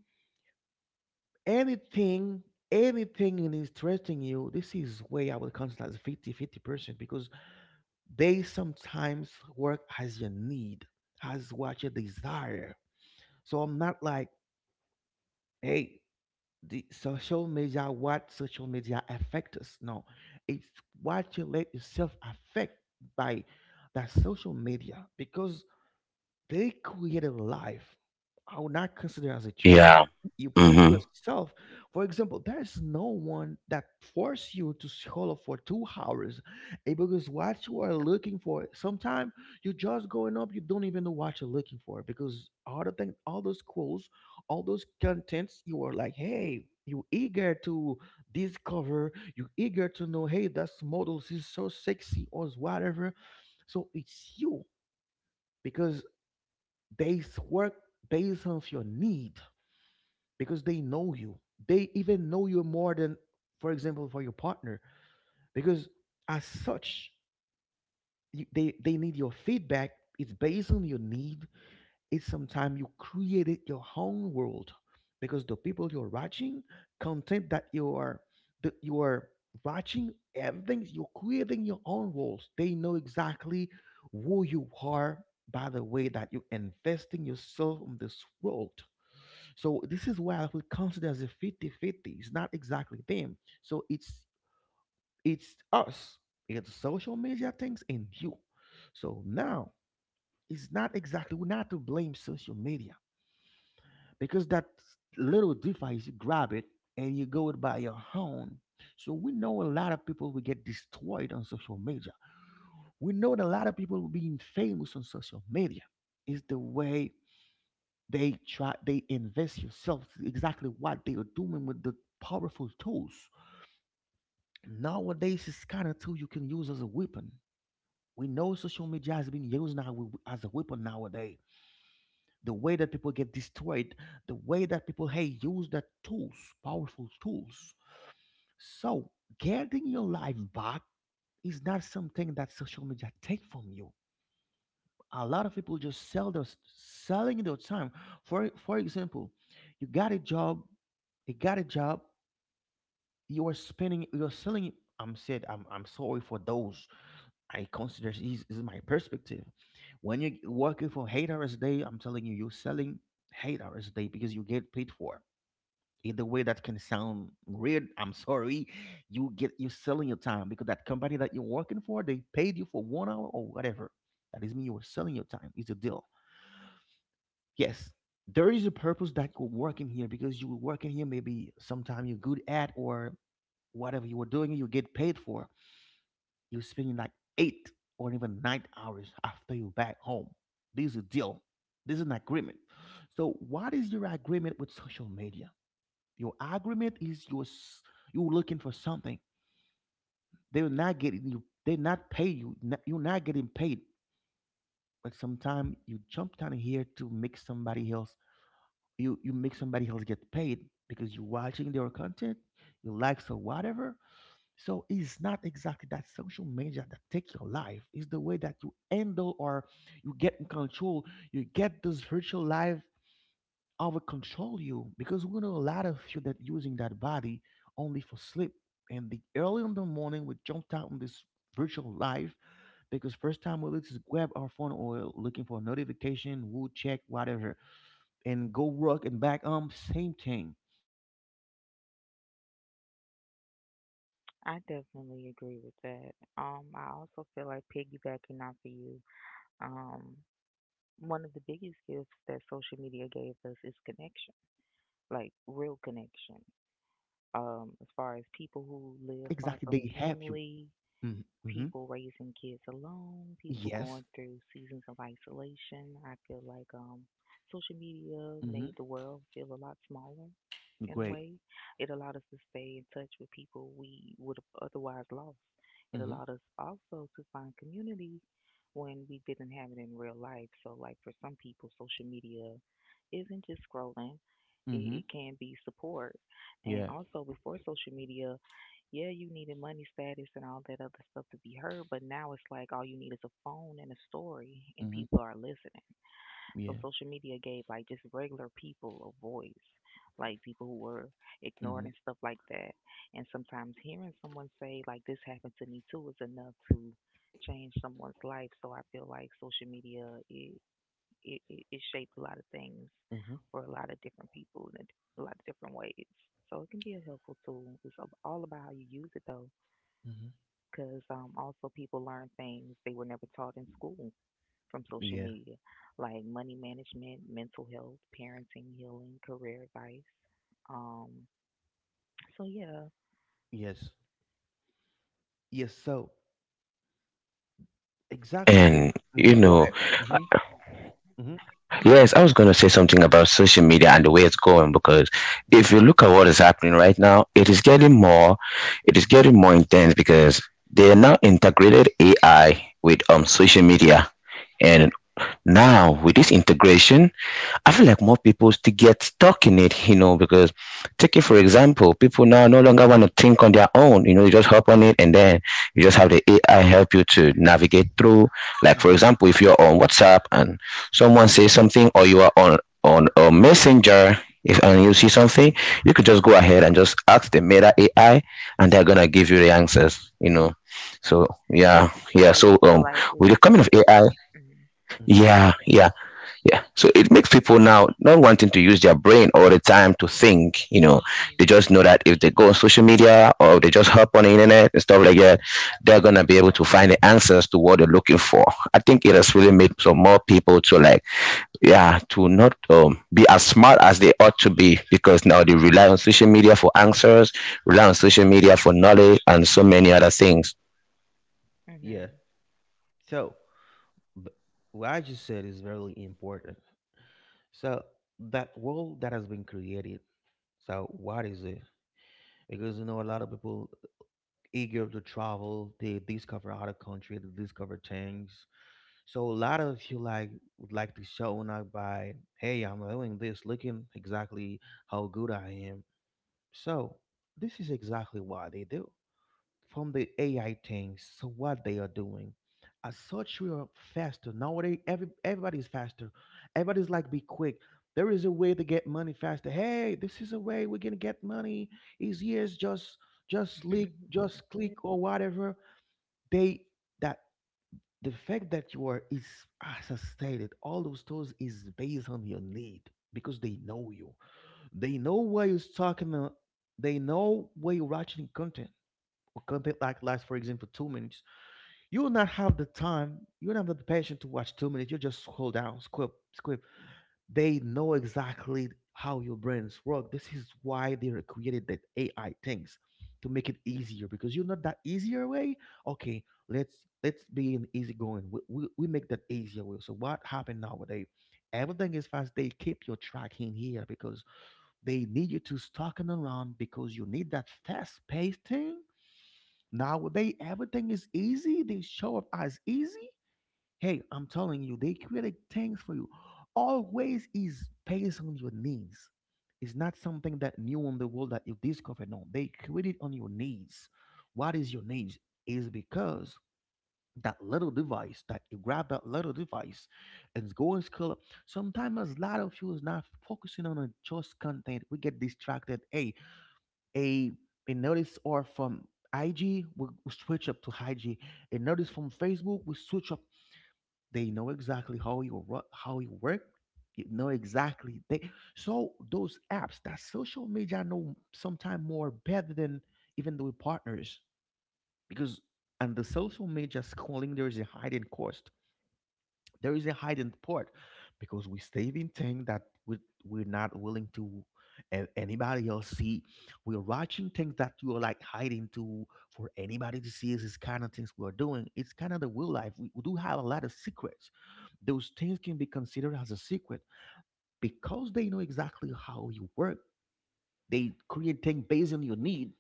Speaker 1: anything anything in interesting you. This is way I would consider as 50 fifty percent because they sometimes work as your need, as what you desire. So I'm not like, hey, the social media what social media affect us? No, it's what you let yourself affect by that social media because they created a life. I would not consider as a trap.
Speaker 3: Yeah.
Speaker 1: You put
Speaker 3: Mm-hmm.
Speaker 1: yourself, for example, there is no one that force you to scroll for two hours, eh, because what you are looking for. Sometimes you're just going up, you don't even know what you're looking for because all the thing, all those quotes, all those contents, you are like, hey, you eager to discover, you eager to know, hey, that's models is so sexy or whatever. So it's you because they s- work based off your need because they know you. They even know you more than, for example, for your partner because as such, you, they they need your feedback. It's based on your need. It's sometimes you created your own world because the people you're watching, content that you are that you are watching, everything you're creating your own worlds. They know exactly who you are by the way that you investing yourself in this world. So this is why I would consider as a fifty-fifty. It's not exactly them. So it's it's us. It's social media things and you. So now, it's not exactly, we're not to blame social media because that little device, you grab it and you go it by your own. So we know a lot of people will get destroyed on social media. We know that a lot of people being famous on social media, is the way they try they invest yourself exactly what they are doing with the powerful tools nowadays. It's kind of tool you can use as a weapon. We know social media has been used now wi- as a weapon nowadays, the way that people get destroyed, the way that people, hey, use that tools, powerful tools. So getting your life back is not something that social media take from you. A lot of people just sell their selling their time for for example, you got a job you got a job, you are spending, you're selling, i'm said i'm, I'm sorry for those. I consider this is my perspective. When you're working for eight hours a day, I'm telling you, you're selling eight hours a day because you get paid for, in the way that can sound weird. I'm sorry. You get you're selling your time because that company that you're working for, they paid you for one hour or whatever. That is mean you are selling your time. It's a deal. Yes, there is a purpose that you work in here because you will work in here maybe sometime you're good at or whatever you were doing, you get paid for. You're spending like eight or even nine hours after you back home. This is a deal. This is an agreement. So what is your agreement with social media? Your agreement is your s- you're looking for something. They're not getting you. They're not pay you. n- You're not getting paid. But sometimes you jump down here to make somebody else, you you make somebody else get paid because you're watching their content, you likes or whatever. So it's not exactly that social media that take your life. It's the way that you handle, or you get in control. You get this virtual life over control you because we know a lot of you that using that body only for sleep. And the early in the morning, we jumped out on this virtual life because first time we just grab our phone or looking for a notification, we'll check whatever and go rock and back um same thing. So it's not exactly that social media that take your life.
Speaker 2: I
Speaker 1: It's the way
Speaker 2: definitely
Speaker 1: that
Speaker 2: agree
Speaker 1: we're
Speaker 2: with that.
Speaker 1: we
Speaker 2: Um, I also
Speaker 1: embrace the
Speaker 2: feel like
Speaker 1: social
Speaker 2: piggybacking
Speaker 1: media
Speaker 2: off of you,
Speaker 1: because social media is
Speaker 2: um,
Speaker 1: created. It's not
Speaker 2: one
Speaker 1: a
Speaker 2: of the biggest
Speaker 1: person that
Speaker 2: gifts
Speaker 1: created,
Speaker 2: that social media gave
Speaker 1: it's
Speaker 2: us
Speaker 1: like
Speaker 2: is
Speaker 1: a world
Speaker 2: connection,
Speaker 1: because there's a
Speaker 2: like
Speaker 1: lot of
Speaker 2: real
Speaker 1: inventions,
Speaker 2: connection.
Speaker 1: apps or whatever.
Speaker 2: Um, as far as people who
Speaker 1: It's not
Speaker 2: live far
Speaker 1: exactly
Speaker 2: from
Speaker 1: they have you.
Speaker 2: family,
Speaker 1: Mm-hmm. Mm-hmm.
Speaker 2: people raising kids alone, people going
Speaker 1: Yes.
Speaker 2: through seasons of isolation, I feel like um, social media made the
Speaker 1: Hmm.
Speaker 2: world feel a lot smaller in a
Speaker 1: Great.
Speaker 2: way. It allowed us to stay in touch with people we would have otherwise lost. It
Speaker 1: Hmm.
Speaker 2: allowed us also to find community when we didn't have it in real life. So, like for some people, social media isn't just scrolling, it, it
Speaker 1: Hmm.
Speaker 2: can be support. And
Speaker 1: Yeah.
Speaker 2: also, before social media, yeah, you needed money status and all that other stuff to be heard, but now it's like all you need is a phone and a story, and
Speaker 1: Hmm.
Speaker 2: people are listening. So
Speaker 1: Yeah.
Speaker 2: social media gave like just regular people a voice, like people who were ignored and
Speaker 1: Hmm.
Speaker 2: stuff like that. And sometimes hearing someone say like this happened to me too is enough to change someone's life. So I feel like social media it it, it, it shaped a lot of things
Speaker 1: Hmm.
Speaker 2: for a lot of different people in a a lot of different ways. So it can be a helpful tool. It's ab- all about how you use it though,
Speaker 1: Hmm.
Speaker 2: because um, also people learn things they were never taught in school from social
Speaker 1: Yeah.
Speaker 2: media, like money management, mental health, parenting, healing, career advice. Um, so yeah.
Speaker 1: Yes. Yes. So, exactly the.
Speaker 3: And you
Speaker 1: Mhm, go
Speaker 3: know,
Speaker 1: ahead. Mhm, mhm,
Speaker 3: yes,
Speaker 2: hmm
Speaker 3: I was going to say something about social media and the way it's going because
Speaker 1: mhm,
Speaker 3: if you look at what is happening right now, it is getting more, it is getting more intense because they are now integrated A I with um social media, and now with this integration, I feel like more people still get stuck in it, you know, because take it for example, people now no longer want to think on their own. You know, you just hop on it and then you just have the A I help you to navigate through. Like for
Speaker 2: hmm
Speaker 1: mhm,
Speaker 3: example, if you're on WhatsApp and someone says something or you are on on a messenger if and you see something, you could just go ahead and just ask the meta A I and they're gonna give you the answers, you know.
Speaker 1: mhm,
Speaker 3: So yeah, yeah.
Speaker 2: So
Speaker 3: So
Speaker 2: you feel
Speaker 3: um
Speaker 2: like
Speaker 3: with
Speaker 2: it's.
Speaker 3: the coming of A I,
Speaker 1: mhm.
Speaker 3: yeah, yeah. Yeah. So it makes people now not wanting to use their brain all the time to think, you know. They
Speaker 2: Mm-hmm.
Speaker 3: just know that if they go on social media or they just hop on the internet and stuff like that, they're gonna be able to find the answers to what they're looking for. I think it has really made some more people to like yeah, to not um, be as smart as they ought to be because now they rely on social media for answers, rely on social media for knowledge and so many other things.
Speaker 1: Yeah.
Speaker 2: Mm-hmm.
Speaker 1: So, b- what I just said is very important. So, that world that has been created, so what is it? Because, you know, a lot of people eager to travel, they discover other country, they discover things. So, a lot of you like would like to show up by, hey, I'm doing this, looking exactly how good I am. So, this is exactly what they do from the A I things. So what they are doing. As such, we are faster nowadays. Every everybody's faster. Everybody's like, be quick. There is a way to get money faster. Hey, this is a way we're gonna get money. Easier is just just click, just click or whatever. They that the fact that you are is, as I stated, all those stores is based on your need because they know you. They know where you're talking. uh, They know where you're watching content content Like, lasts for example two minutes, you will not have the time, you will not have the patience to watch two minutes. You just scroll down, squip squip They know exactly how your brains work. This is why they are created that ai things to make it easier because you know that easier way. Okay, let's let's be an easygoing. We, we, we make that easier way. So what happened nowadays? Everything is fast. They keep your track in here because they need you to stalking around because you need that fast paced thing. Nowadays, everything is easy. They show up as easy. Hey, I'm telling you, they create things for you. Always is based on your needs. It's not something that new on the world that you discover. No, they create it on your needs. What is your needs? Is because that little device that you grab, that little device, and go and scroll up. Sometimes a lot of you is not focusing on a just content. We get distracted. Hey, a a notice or from I G, we we switch up to I G. A notice from Facebook, we switch up. They know exactly how you ru- how you work. You know exactly they, so those apps, that social media, know sometimes more better than even the partners. Because, and the social media scrolling, there is a hidden cost, there is a hidden part, because we save in things that we, we're not willing to a- anybody else see. We're watching things that you're like hiding to for anybody to see. Is this kind of things we're doing. It's kind of the real life. We, we do have a lot of secrets. Those things can be considered as a secret because they know exactly how you work. They create things based on your need.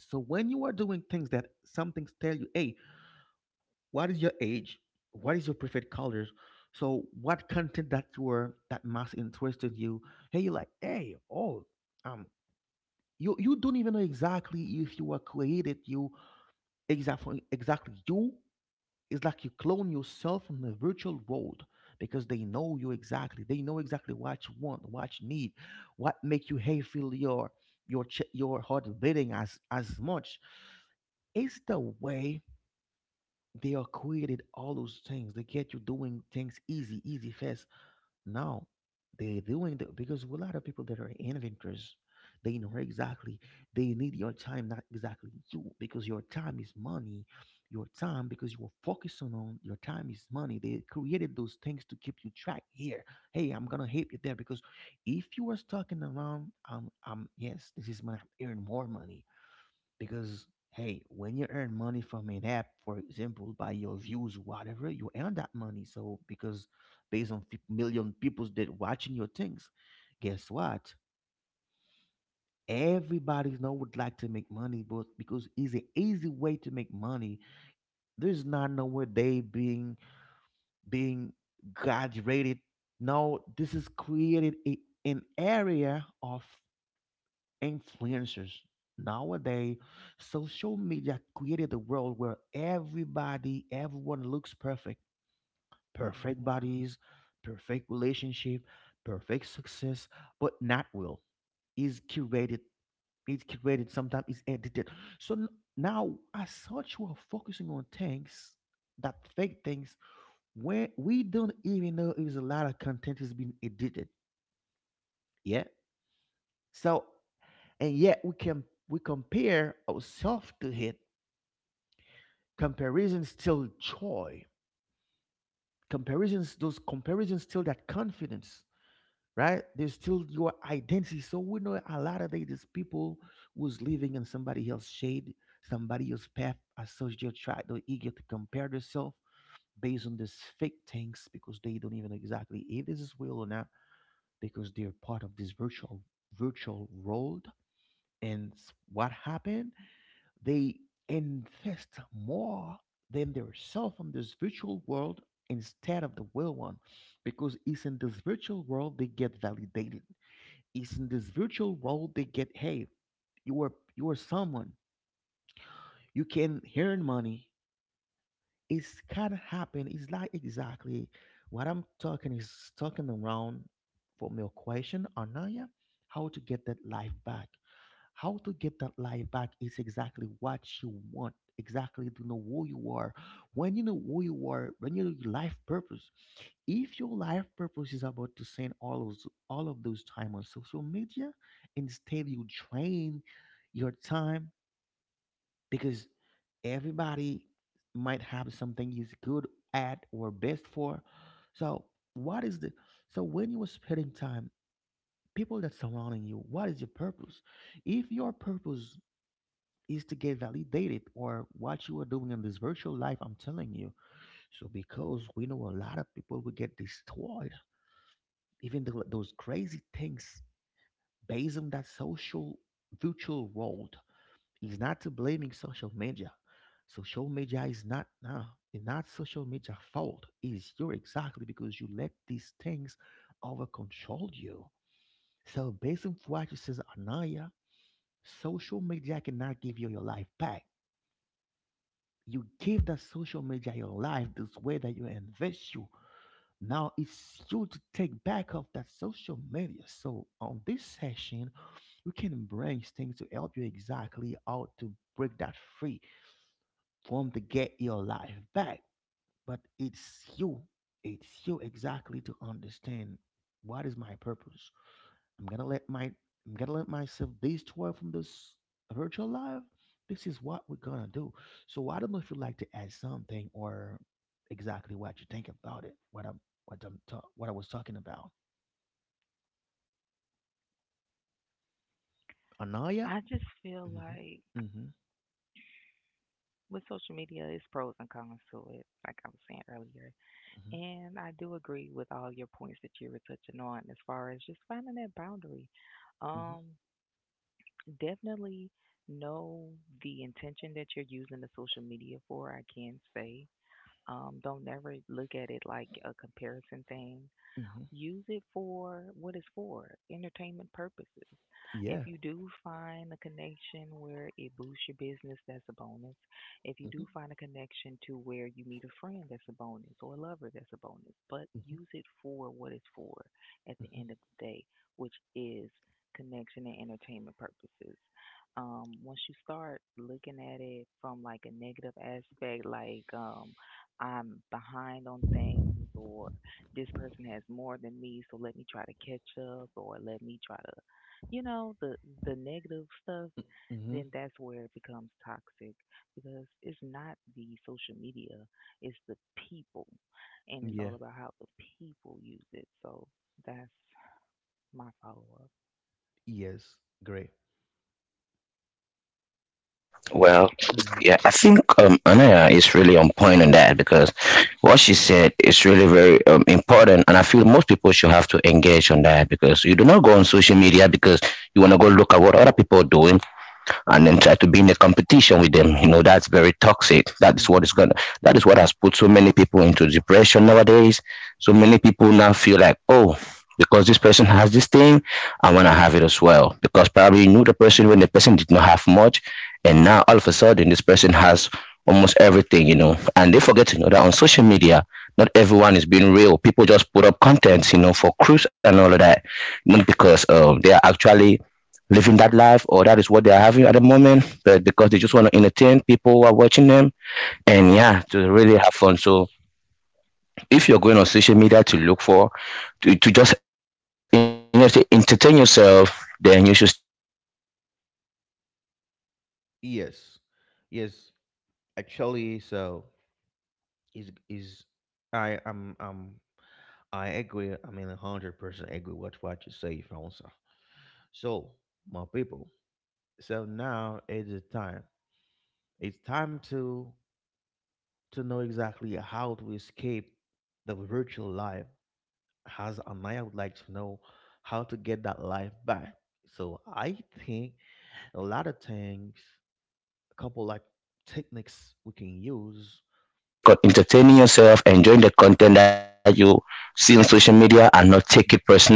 Speaker 1: So when you are doing things that some things tell you, hey, what is your age, what is your preferred colors, so what content that you were that most interested you. Hey, you like, hey, oh um you you don't even know exactly if you were created you. Exactly, exactly you. It's like you clone yourself in the virtual world because they know you exactly. They know exactly what you want, what you need, what make you, hey, feel your, your ch- your heart beating as as much. It's the way they are created all those things. They get you doing things easy, easy, fast. Now they're doing the, because a lot of people that are inventors, they know exactly they need your time, not exactly you, because your time is money. Your time, because you are focusing on your time is money. They created those things to keep you track here. Hey, I'm gonna help you there because if you are stuck in around, um, um, yes, this is when I'm earning more money. Because, hey, when you earn money from an app for example by your views, whatever, you earn that money so because based on fif- million people that watching your things, guess what, everybody now would like to make money, but because it's an easy way to make money. There's not nowhere they being being graduated. No, this is created a, an area of influencers. Nowadays, social media created a world where everybody, everyone looks perfect. Perfect
Speaker 2: Right.
Speaker 1: bodies, perfect relationship, perfect success, but not real. Is curated, it's curated, sometimes it's edited. So n- now as such we're focusing on things, that fake things, where we don't even know if a lot of content is being edited. Yeah. So, and yet we can, we compare ourselves to it. Comparison still joy. Comparisons, those comparisons still that confidence, right? There's still your identity. So we know a lot of these people who's living in somebody else's shade, somebody else's path, as such they try they're eager to compare themselves based on these fake things because they don't even exactly if this is real or not, because they're part of this virtual virtual world. And s- what happened? They invest more than their self on this virtual world instead of the real one because it's in this virtual world they get validated. It's in this virtual world they get, hey, you are you are someone. You can earn money. It's kind of happen. It's not exactly what I'm talking, is talking around from your question, Anaya, how to get that life back. How to get that life back is exactly what you want, exactly to know who you are. When you know who you are, when you know your life purpose, if your life purpose is about to spend all of all of those time on social media, instead you train your time, because everybody might have something he's good at or best for. So what is the, so when you are spending time, people that surrounding you, what is your purpose? If your purpose is to get validated or what you are doing in this virtual life, I'm telling you. So because we know a lot of people will get destroyed, even though those crazy things based on that social virtual world. Is not to blaming social media. Social media is not, nah, it's not social media fault, is you exactly because you let these things over control you. So based on what you says, Anaya, social media cannot give you your life back. You give that social media your life, this way that you invest you. Now it's you to take back of that social media. So on this session, we can bring things to help you exactly how to break that free from, to get your life back. But it's you. It's you exactly to understand what is my purpose. I'm gonna let my I'm gonna let myself destroy from this virtual life. This is what we're gonna do. So I don't know if you'd like to add something, or exactly what you think about it. What I'm, what I'm ta- what I was talking about. Anaya.
Speaker 2: I just feel
Speaker 1: Mm-hmm.
Speaker 2: like
Speaker 1: Mm-hmm.
Speaker 2: with social media, it's pros and cons to it, like I was saying earlier. And I do agree with all your points that you were touching on as far as just finding that boundary.
Speaker 1: Mm-hmm. Mm-hmm.
Speaker 2: Um, Definitely know the intention that you're using the social media for, I can say. Um, don't never look at it like a comparison thing,
Speaker 1: Mm-hmm.
Speaker 2: use it for what it's for, entertainment purposes. If
Speaker 1: Yeah.
Speaker 2: you do find a connection where it boosts your business, that's a bonus. If you do
Speaker 1: Mm-hmm.
Speaker 2: find a connection to where you meet a friend, that's a bonus, or a lover, that's a bonus, but
Speaker 1: Mm-hmm.
Speaker 2: use it for what it's for at the end of the day, which is connection and entertainment purposes. Um, once you start looking at it from like a negative aspect, like um, I'm behind on things or this person has more than me, so let me try to catch up or let me try to, you know, the the negative stuff,
Speaker 1: Mm-hmm.
Speaker 2: then
Speaker 1: Mm-hmm.
Speaker 2: that's where it becomes toxic because it's not the social media, it's the people. And it's all
Speaker 1: Yeah.
Speaker 2: about how the people use it. So that's my follow up.
Speaker 1: Yes. Great.
Speaker 3: And well,
Speaker 1: Mm-hmm.
Speaker 3: yeah, I think um, Anaya is really on point on that because what she said is really very um, important, and I feel most people should have to engage on that because you do not go on social media because you want to go look at what other people are doing and then try to be in a competition with them. You know that's very toxic. That is
Speaker 1: Mm-hmm.
Speaker 3: what is going, that is what has put so many people into depression nowadays. So many people now feel like, oh, because this person has this thing I want to have it as well, because probably you knew the person when the person did
Speaker 2: My
Speaker 3: not have much and now all of a sudden this person has almost everything, you know, and they forget to know that on social media not everyone is being real. People just put up contents, you know, for cruise and all of that, not
Speaker 2: solution.
Speaker 3: because um, they are actually living that life or that is what they're having at the moment, but
Speaker 1: Mm-hmm.
Speaker 3: because they just want to entertain people who are watching them,
Speaker 1: Yes. Yes.
Speaker 3: and yeah
Speaker 1: Actually, so
Speaker 3: to
Speaker 1: is
Speaker 3: really
Speaker 1: is
Speaker 3: have
Speaker 1: I
Speaker 3: fun.
Speaker 1: am um
Speaker 3: So
Speaker 1: I agree. I mean, hundred percent agree with what you say, Francois. So,
Speaker 3: if
Speaker 1: my
Speaker 3: you're
Speaker 1: people.
Speaker 3: going on
Speaker 1: So
Speaker 3: social
Speaker 1: now it is time.
Speaker 3: media to
Speaker 1: It's
Speaker 3: look
Speaker 1: time to
Speaker 3: for
Speaker 1: to know exactly how to
Speaker 3: to,
Speaker 1: escape
Speaker 3: to
Speaker 1: the
Speaker 3: just
Speaker 1: virtual
Speaker 3: you
Speaker 1: life.
Speaker 3: know, say
Speaker 1: As and I would like to know
Speaker 3: entertain
Speaker 1: how to get that life back.
Speaker 3: yourself,
Speaker 1: So I think
Speaker 3: then
Speaker 1: a lot
Speaker 3: you
Speaker 1: of
Speaker 3: should
Speaker 1: things,
Speaker 3: stick
Speaker 1: a
Speaker 3: on
Speaker 1: couple like techniques
Speaker 3: entertaining
Speaker 1: we can use.
Speaker 3: yourself enjoying the content that you see on social media and not take it
Speaker 1: Mhm.
Speaker 3: personally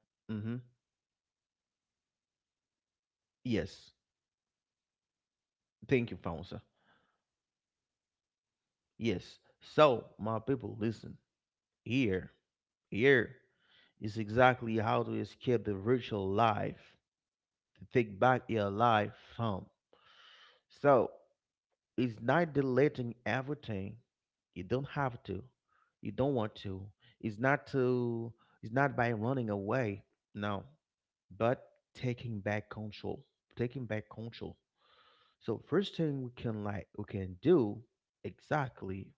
Speaker 3: and start
Speaker 1: Mm-hmm.
Speaker 3: acting on it. Yeah, and also if you want to, if you are going on social
Speaker 1: Yes.
Speaker 3: media for business you should stick on
Speaker 1: Thank you,
Speaker 3: business.
Speaker 1: Fonsa.
Speaker 3: Because and one thing people fail to understand is the fact
Speaker 1: Yes.
Speaker 3: that
Speaker 1: So, my
Speaker 3: um,
Speaker 1: people,
Speaker 3: there are
Speaker 1: listen.
Speaker 3: various um, uh,
Speaker 1: Here,
Speaker 3: social media platforms,
Speaker 1: here
Speaker 3: but people are all
Speaker 1: is
Speaker 3: focused on
Speaker 1: exactly
Speaker 3: maybe
Speaker 1: how to
Speaker 3: Facebook and
Speaker 1: escape the virtual
Speaker 3: Instagram,
Speaker 1: life,
Speaker 3: you know, on
Speaker 1: to take
Speaker 3: threads and
Speaker 1: back
Speaker 3: other,
Speaker 1: your
Speaker 3: other those
Speaker 1: life
Speaker 3: things. They forget,
Speaker 1: from.
Speaker 3: they fail to understand that
Speaker 1: So
Speaker 3: LinkedIn is also
Speaker 1: it's
Speaker 3: a
Speaker 1: not
Speaker 3: part of social
Speaker 1: deleting
Speaker 3: media where um,
Speaker 1: everything.
Speaker 3: you can get to
Speaker 1: You don't
Speaker 3: connect with
Speaker 1: have
Speaker 3: um,
Speaker 1: to.
Speaker 3: business
Speaker 1: You don't
Speaker 3: people and
Speaker 1: want
Speaker 3: serious
Speaker 1: to.
Speaker 3: people.
Speaker 1: It's
Speaker 3: Yeah,
Speaker 1: not
Speaker 3: you have
Speaker 1: to.
Speaker 3: other
Speaker 1: It's not
Speaker 3: interesting
Speaker 1: by running
Speaker 3: platforms too,
Speaker 1: away.
Speaker 3: which um,
Speaker 1: No,
Speaker 3: are social media, but
Speaker 1: but
Speaker 3: people
Speaker 1: taking
Speaker 3: just
Speaker 1: back
Speaker 3: um, tend to
Speaker 1: control.
Speaker 3: like
Speaker 1: Taking
Speaker 3: stereotype
Speaker 1: back control.
Speaker 3: Facebook and Instagram
Speaker 1: So
Speaker 3: to
Speaker 1: first
Speaker 3: be like
Speaker 1: thing
Speaker 3: the
Speaker 1: we
Speaker 3: social
Speaker 1: can, like,
Speaker 3: media.
Speaker 1: we can do exactly,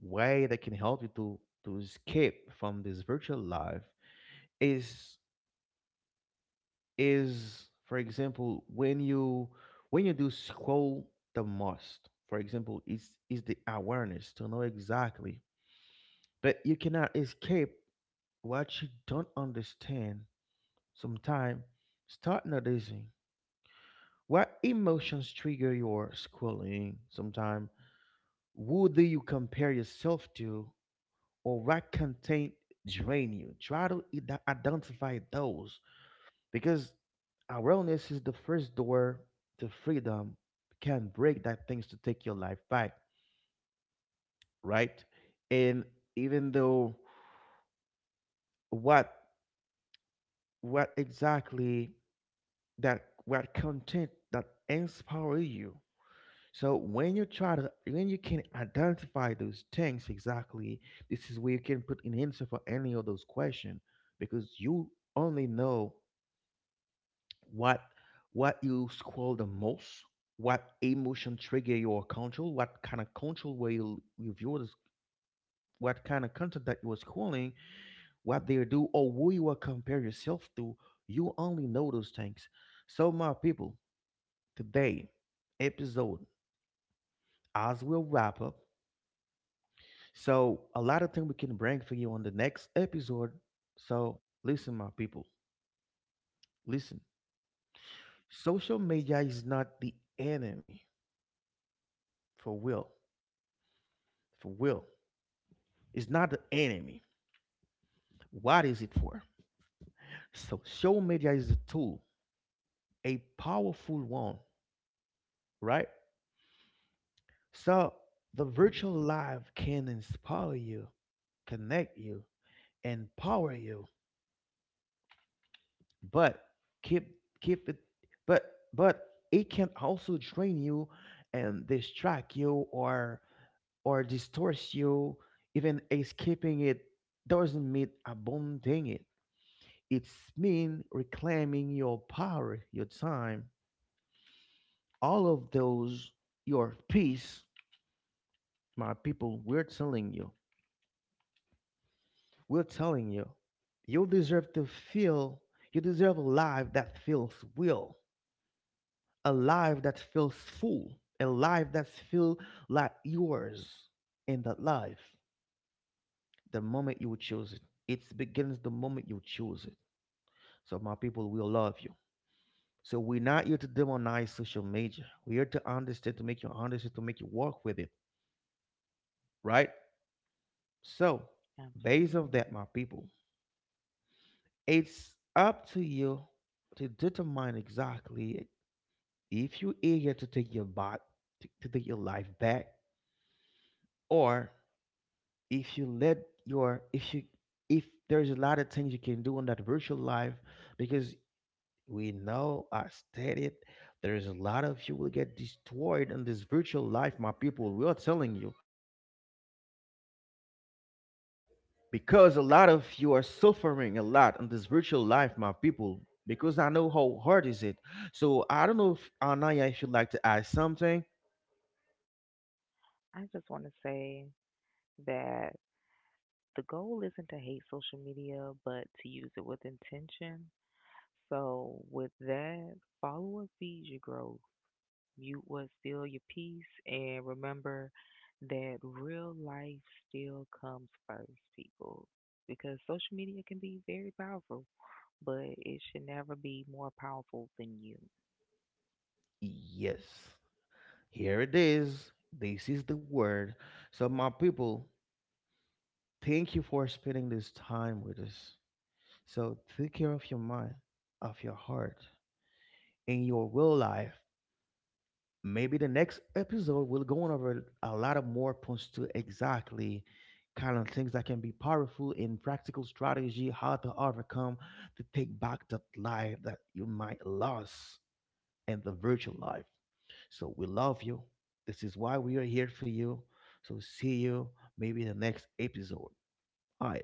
Speaker 1: way that can help you to to escape from this virtual life is is for example when you, when you do scroll the most, for example, is is the awareness to know exactly. But you cannot escape what you don't understand sometime. Start noticing what emotions trigger your scrolling sometime, who do you compare yourself to, or what content drain you. Try to ide- identify those, because awareness is the first door to freedom. Can break that things to take your life back, right? And even though what what exactly, that what content that inspire you. So when you try to, when you can identify those things exactly, this is where you can put an answer for any of those questions, because you only know what what you scroll the most, what emotion trigger your control, what kind of control, where you you view this? What kind of content that you were scrolling, what they do, or who you will compare yourself to. You only know those things. So my people, today episode, as we'll wrap up. So a lot of things we can bring for you on the next episode. So listen my people, listen, social media is not the enemy. For will, for will. It's not the enemy. What is it for? So social media is a tool, a powerful one, right? So the
Speaker 2: Hmm.
Speaker 1: virtual life can inspire you, connect you, empower you, but keep, keep it, but but it can also drain you and distract you, or or distort you. Even escaping it doesn't mean abandoning it. It's mean reclaiming your power, your time, all of those, your peace. My people, we're telling you, we're telling you, you deserve to feel, you deserve a life that feels real, a life that feels full, a life that feels like yours. In that life, the moment you choose it, it begins the moment you choose it. So, my people, we love you. So, we're not here to demonize social media. We're here to understand, to make you understand, to make you work with it, right? So, based
Speaker 2: Absolutely.
Speaker 1: on that, my people, it's up to you to determine exactly if you're eager to take your bot to, to take your life back, or if you let your if you, if there's a lot of things you can do in that virtual life, because we know I stated there's a lot of you will get destroyed in this virtual life. My people, we are telling you, because a lot of you are suffering a lot in this virtual life, my people. Because I know how hard is it. So I don't know if Anaya, if you'd like to add something.
Speaker 2: I just want to say that the goal isn't to hate social media, but to use it with intention. So, with that, follow what feeds your growth, mute what steals your peace, and remember that real life still comes first, people. Because social media can be very powerful, but it should never be more powerful than you.
Speaker 1: Yes, here it is. This is the word. So my people, thank you for spending this time with us. So take care of your mind, of your heart, and your real life. Maybe the next episode we'll go on over a lot of more points to exactly kind of things that can be powerful in practical strategy, how to overcome, to take back that life that you might lost in the virtual life. So we love you. This is why we are here for you. So see you maybe in the next episode. All right.